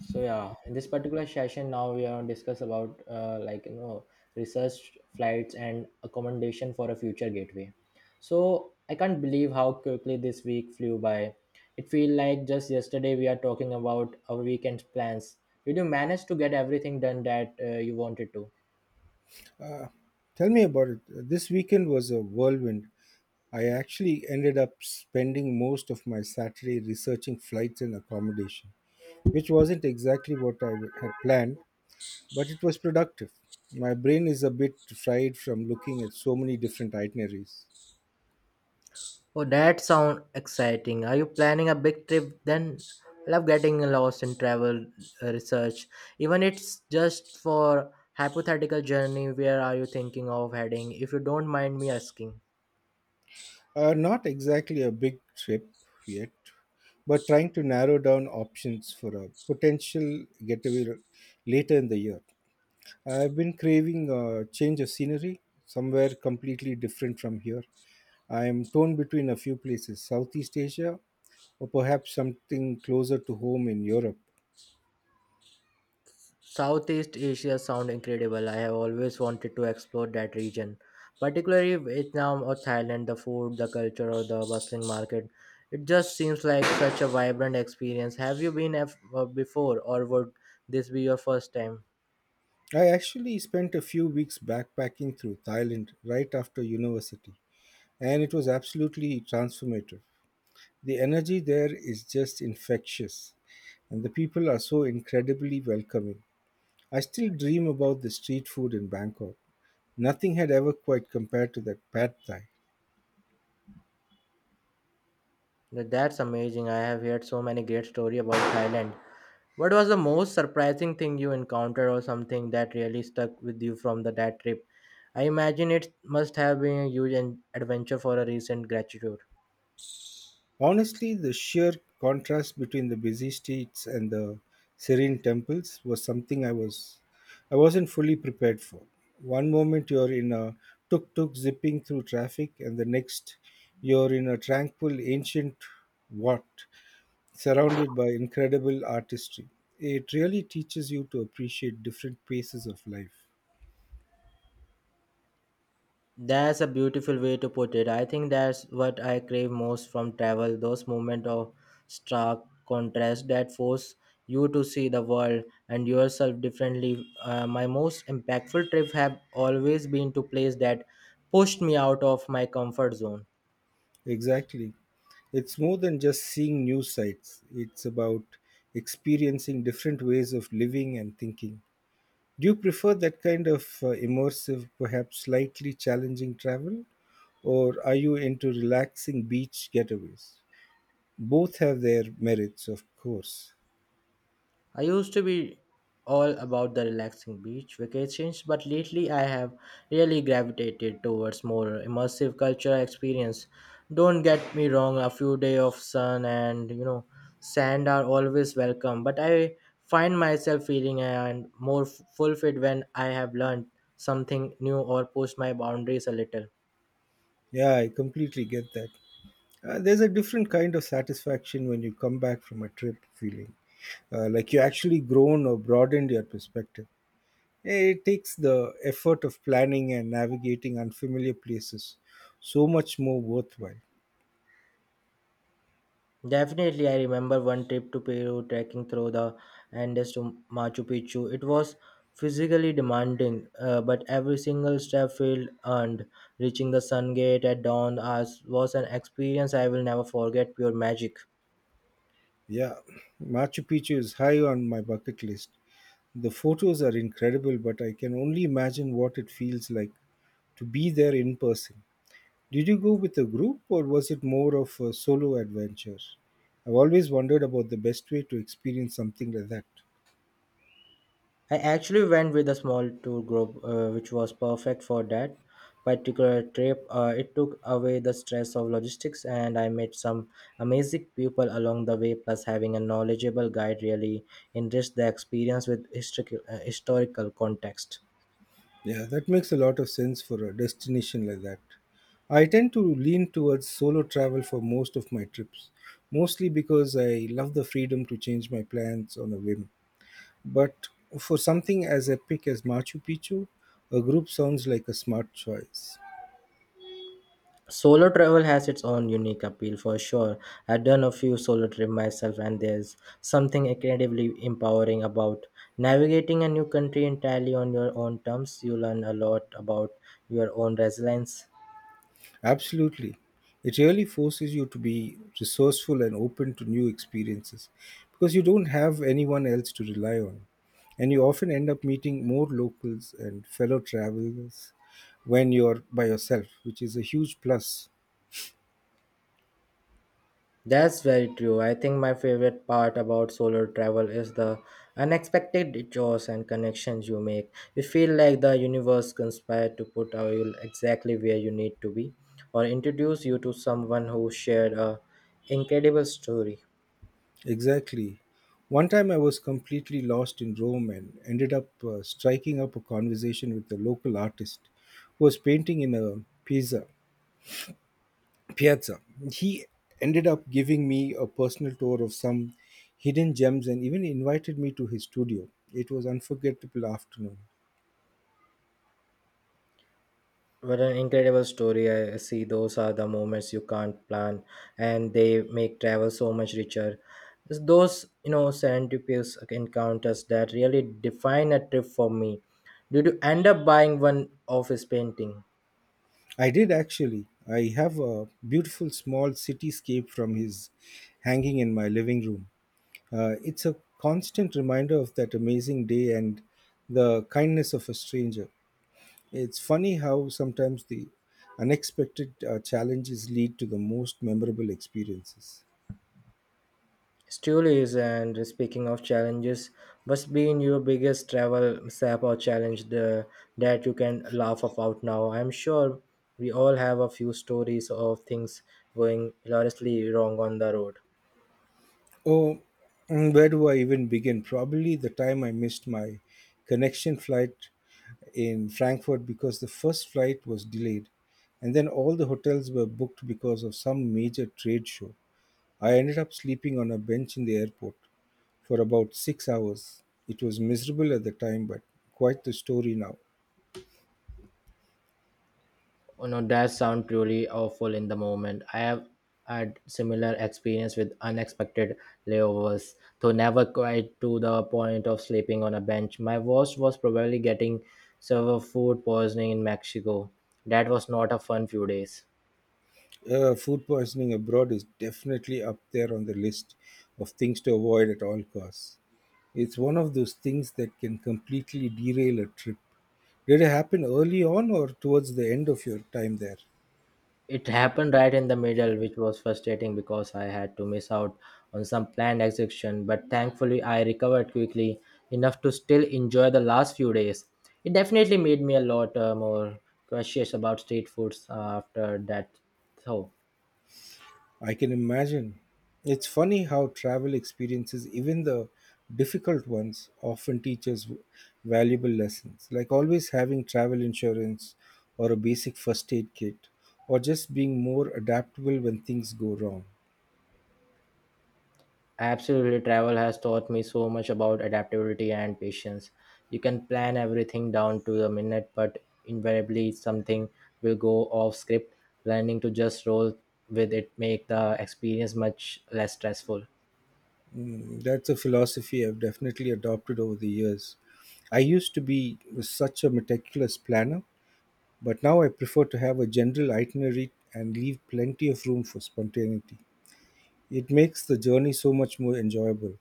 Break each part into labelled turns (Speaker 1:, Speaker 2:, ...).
Speaker 1: So yeah, in this particular session, now we are discuss about research flights and accommodation for a future gateway. So I can't believe how quickly this week flew by. It feel like just yesterday we are talking about our weekend plans. Did you manage to get everything done that you wanted to?
Speaker 2: Uh, Tell me about it. This weekend was a whirlwind. I actually ended up spending most of my Saturday researching flights and accommodation, which wasn't exactly what had planned, but it was productive. My brain is a bit fried from looking at so many different itineraries.
Speaker 1: Oh, that sound exciting. Are you planning a big trip then? I love getting lost in travel research. Even it's just for hypothetical journey, where are you thinking of heading? If you don't mind me asking.
Speaker 2: Not exactly a big trip yet, but trying to narrow down options for a potential getaway later in the year. I've been craving a change of scenery, somewhere completely different from here. I am torn between a few places, Southeast Asia, or perhaps something closer to home in Europe.
Speaker 1: Southeast Asia sound incredible. I have always wanted to explore that region, particularly Vietnam or Thailand, the food, the culture, or the bustling market. It just seems like such a vibrant experience. Have you been before, or would this be your first time?
Speaker 2: I actually spent a few weeks backpacking through Thailand right after university, and it was absolutely transformative. The energy there is just infectious, and the people are so incredibly welcoming. I still dream about the street food in Bangkok. Nothing had ever quite compared to that pad thai.
Speaker 1: That's amazing. I have heard so many great story about Thailand. What was the most surprising thing you encountered or something that really stuck with you from the that trip? I imagine it must have been a huge adventure for a recent graduate.
Speaker 2: Honestly, the sheer contrast between the busy streets and the serene temples was something I wasn't fully prepared for. One moment you're in a tuk-tuk zipping through traffic and the next you're in a tranquil ancient wat surrounded by incredible artistry. It really teaches you to appreciate different paces of life.
Speaker 1: That's a beautiful way to put it. I think that's what I crave most from travel, those moments of stark contrast that force you to see the world and yourself differently. My most impactful trips have always been to places that pushed me out of my comfort zone.
Speaker 2: Exactly. It's more than just seeing new sights. It's about experiencing different ways of living and thinking. Do you prefer that kind of immersive, perhaps slightly challenging travel, or are you into relaxing beach getaways? Both have their merits, of course.
Speaker 1: I used to be all about the relaxing beach vacations, but lately I have really gravitated towards more immersive cultural experience. Don't get me wrong, a few days of sun and sand are always welcome, but I find myself feeling and more f- fulfilled when I have learned something new or pushed my boundaries a little.
Speaker 2: Yeah, I completely get that. There's a different kind of satisfaction when you come back from a trip feeling like you actually grown or broadened your perspective. It takes the effort of planning and navigating unfamiliar places so much more worthwhile.
Speaker 1: Definitely, I remember one trip to Peru trekking through the Andes to Machu Picchu. It was physically demanding, but every single step felt earned. Reaching the Sun Gate at dawn was an experience I will never forget, pure magic.
Speaker 2: Yeah, Machu Picchu is high on my bucket list. The photos are incredible, but I can only imagine what it feels like to be there in person. Did you go with a group or was it more of a solo adventure? I've always wondered about the best way to experience something like that.
Speaker 1: I actually went with a small tour group, which was perfect for that particular trip. It took away the stress of logistics, and I met some amazing people along the way. Plus, having a knowledgeable guide really enriched the experience with historical context.
Speaker 2: Yeah, that makes a lot of sense for a destination like that. I tend to lean towards solo travel for most of my trips, mostly because I love the freedom to change my plans on a whim. But for something as epic as Machu Picchu, a group sounds like a smart choice.
Speaker 1: Solo travel has its own unique appeal for sure. I've done a few solo trips myself, and there's something incredibly empowering about navigating a new country entirely on your own terms. You learn a lot about your own resilience.
Speaker 2: Absolutely. It really forces you to be resourceful and open to new experiences because you don't have anyone else to rely on. And you often end up meeting more locals and fellow travelers when you're by yourself, which is a huge plus.
Speaker 1: That's very true. I think my favorite part about solo travel is the unexpected detours and connections you make. You feel like the universe conspired to put you exactly where you need to be or introduce you to someone who shared a incredible story.
Speaker 2: Exactly. One time I was completely lost in Rome and ended up striking up a conversation with a local artist who was painting in a piazza. He ended up giving me a personal tour of some hidden gems and even invited me to his studio. It was unforgettable afternoon.
Speaker 1: What an incredible story. I see those are the moments you can't plan, and they make travel so much richer. It's those, you know, serendipitous encounters that really define a trip for me. Did you end up buying one of his painting?
Speaker 2: I did actually. I have a beautiful small cityscape from his hanging in my living room. It's a constant reminder of that amazing day and the kindness of a stranger. It's funny how sometimes the unexpected challenges lead to the most memorable experiences.
Speaker 1: Still is, and speaking of challenges, what's been your biggest travel sap or that you can laugh about now? I'm sure we all have a few stories of things going hilariously wrong on the road.
Speaker 2: Oh, where do I even begin? Probably the time I missed my connection flight in Frankfurt because the first flight was delayed, and then all the hotels were booked because of some major trade show. I ended up sleeping on a bench in the airport for about 6 hours. It was miserable at the time, but quite the story now.
Speaker 1: Oh no, that sounds truly awful in the moment. I have had similar experience with unexpected layovers, though never quite to the point of sleeping on a bench. My worst was probably getting severe food poisoning in Mexico. That was not a fun few days.
Speaker 2: Food poisoning abroad is definitely up there on the list of things to avoid at all costs. It's one of those things that can completely derail a trip. Did it happen early on or towards the end of your time there?
Speaker 1: It happened right in the middle, which was frustrating because I had to miss out on some planned execution, but thankfully I recovered quickly enough to still enjoy the last few days. It definitely made me a lot more cautious about street foods after that, though.
Speaker 2: I can imagine. It's funny how travel experiences, even the difficult ones, often teach us valuable lessons, like always having travel insurance or a basic first aid kit, or just being more adaptable when things go wrong.
Speaker 1: Absolutely, travel has taught me so much about adaptability and patience. You can plan everything down to the minute, but invariably something will go off script. Learning to just roll with it make the experience much less stressful.
Speaker 2: Mm, that's a philosophy I've definitely adopted over the years. I used to be such a meticulous planner, but now I prefer to have a general itinerary and leave plenty of room for spontaneity. It makes the journey so much more enjoyable.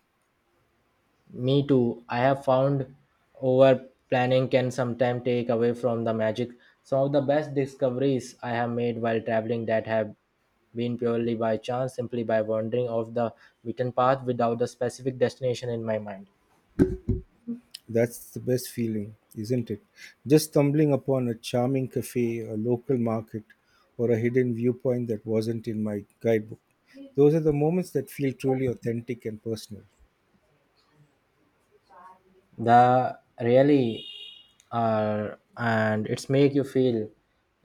Speaker 1: Me too. I have found over planning can sometimes take away from the magic. Some of the best discoveries I have made while traveling that have been purely by chance, simply by wandering off the beaten path without the specific destination in my mind.
Speaker 2: That's the best feeling, isn't it? Just stumbling upon a charming cafe, a local market, or a hidden viewpoint that wasn't in my guidebook. Those are the moments that feel truly authentic and personal.
Speaker 1: The really are, and it's make you feel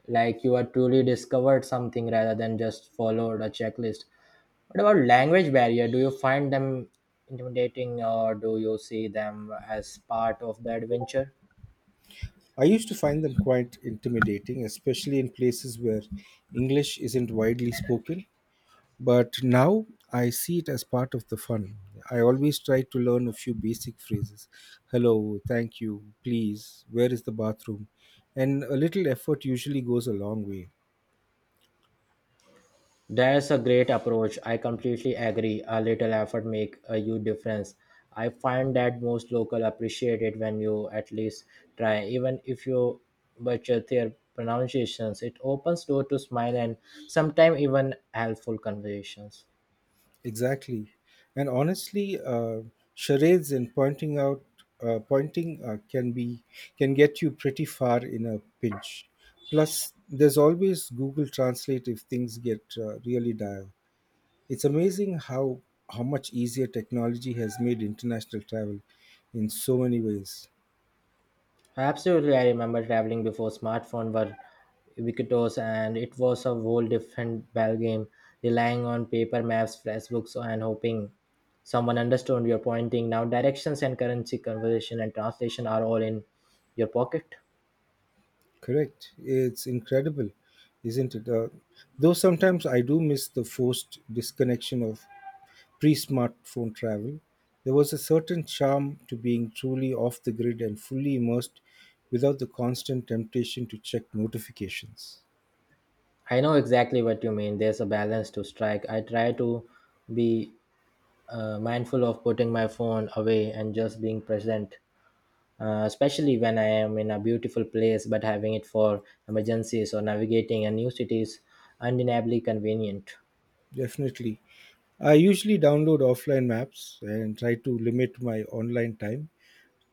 Speaker 1: like you are truly discovered something rather than just followed a checklist. What about language barrier, do you find them intimidating, or do you see them as part of the adventure?
Speaker 2: I used to find them quite intimidating, especially in places where English isn't widely spoken. But now I see it as part of the fun. I always try to learn a few basic phrases. Hello, thank you, please, where is the bathroom? And a little effort usually goes a long way.
Speaker 1: That's a great approach. I completely agree. A little effort make a huge difference. I find that most local appreciate it when you at least try, even if you butcher their pronunciations. It opens door to smile and sometimes even helpful conversations.
Speaker 2: Exactly. And honestly, charades and pointing can get you pretty far in a pinch. Plus, there's always Google Translate if things get really dire. It's amazing how much easier technology has made international travel in so many ways.
Speaker 1: Absolutely, I remember traveling before smartphone were ubiquitous, and it was a whole different ballgame, relying on paper maps, flashbooks, and hoping someone understood your pointing. Now, directions and currency conversion and translation are all in your pocket.
Speaker 2: Correct. It's incredible, isn't it? Though sometimes I do miss the forced disconnection of pre-smartphone travel. There was a certain charm to being truly off the grid and fully immersed without the constant temptation to check notifications.
Speaker 1: I know exactly what you mean. There's a balance to strike. I try to be mindful of putting my phone away and just being present, especially when I am in a beautiful place, but having it for emergencies or navigating a new city is undeniably convenient.
Speaker 2: Definitely. I usually download offline maps and try to limit my online time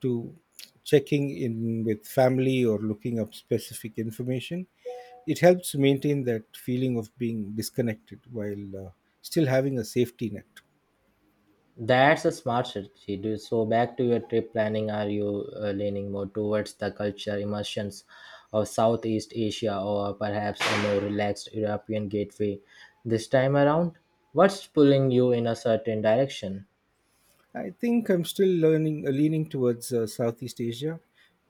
Speaker 2: to checking in with family or looking up specific information. It helps maintain that feeling of being disconnected while still having a safety net.
Speaker 1: That's a smart strategy. So, back to your trip planning, are you leaning more towards the culture immersions of Southeast Asia or perhaps a more relaxed European gateway this time around? What's pulling you in a certain direction?
Speaker 2: I think leaning towards Southeast Asia,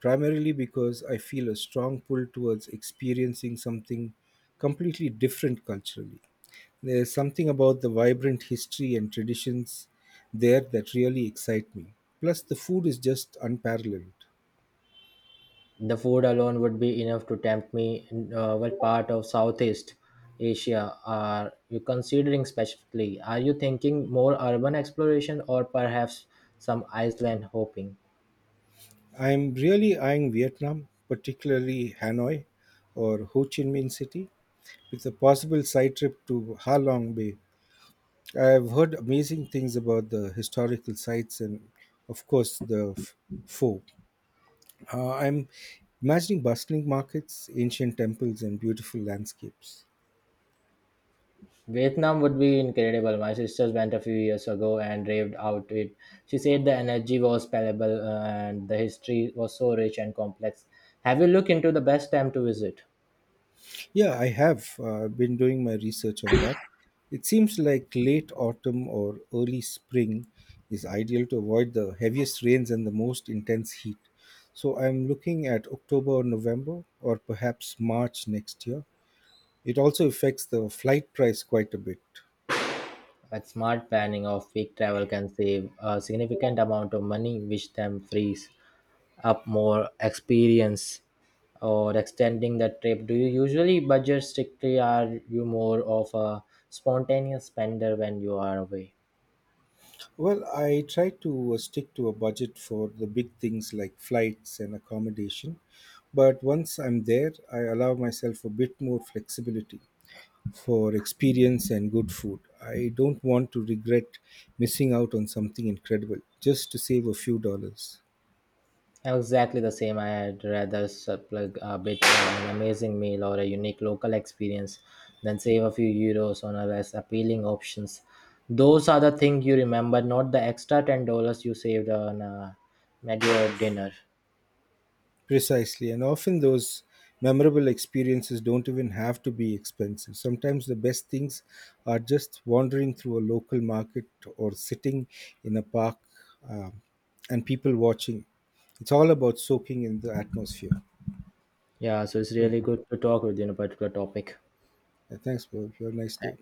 Speaker 2: primarily because I feel a strong pull towards experiencing something completely different culturally. There's something about the vibrant history and traditions there that really excite me. Plus, the food is just unparalleled.
Speaker 1: The food alone would be enough to tempt me. What part of Southeast Asia are you considering specifically? Are you thinking more urban exploration or perhaps some Iceland hopping?
Speaker 2: I'm really eyeing Vietnam, particularly Hanoi or Ho Chi Minh City, with a possible side trip to Ha Long Bay. I have heard amazing things about the historical sites and, of course, pho. I'm imagining bustling markets, ancient temples, and beautiful landscapes.
Speaker 1: Vietnam would be incredible. My sisters went a few years ago and raved out it. She said the energy was palpable and the history was so rich and complex. Have you looked into the best time to visit?
Speaker 2: Yeah, I have been doing my research on that. It seems like late autumn or early spring is ideal to avoid the heaviest rains and the most intense heat. So I'm looking at October or November or perhaps March next year. It also affects the flight price quite a bit.
Speaker 1: Like smart planning of week travel can save a significant amount of money, which then frees up more experience or extending the trip. Do you usually budget strictly? Are you more of a spontaneous spender when you are away?
Speaker 2: Well, I try to stick to a budget for the big things like flights and accommodation, but once I'm there, I allow myself a bit more flexibility for experience and good food. I don't want to regret missing out on something incredible just to save a few dollars.
Speaker 1: Exactly the same. I'd rather plug a bit on an amazing meal or a unique local experience than save a few euros on a less appealing options. Those are the things you remember, not the extra $10 you saved on a menu dinner.
Speaker 2: Precisely, and often those memorable experiences don't even have to be expensive. Sometimes the best things are just wandering through a local market or sitting in a park um, and people watching. It's all about soaking in the atmosphere.
Speaker 1: Yeah, so it's really good to talk with you on a particular topic.
Speaker 2: Thanks, bro. You have a nice day.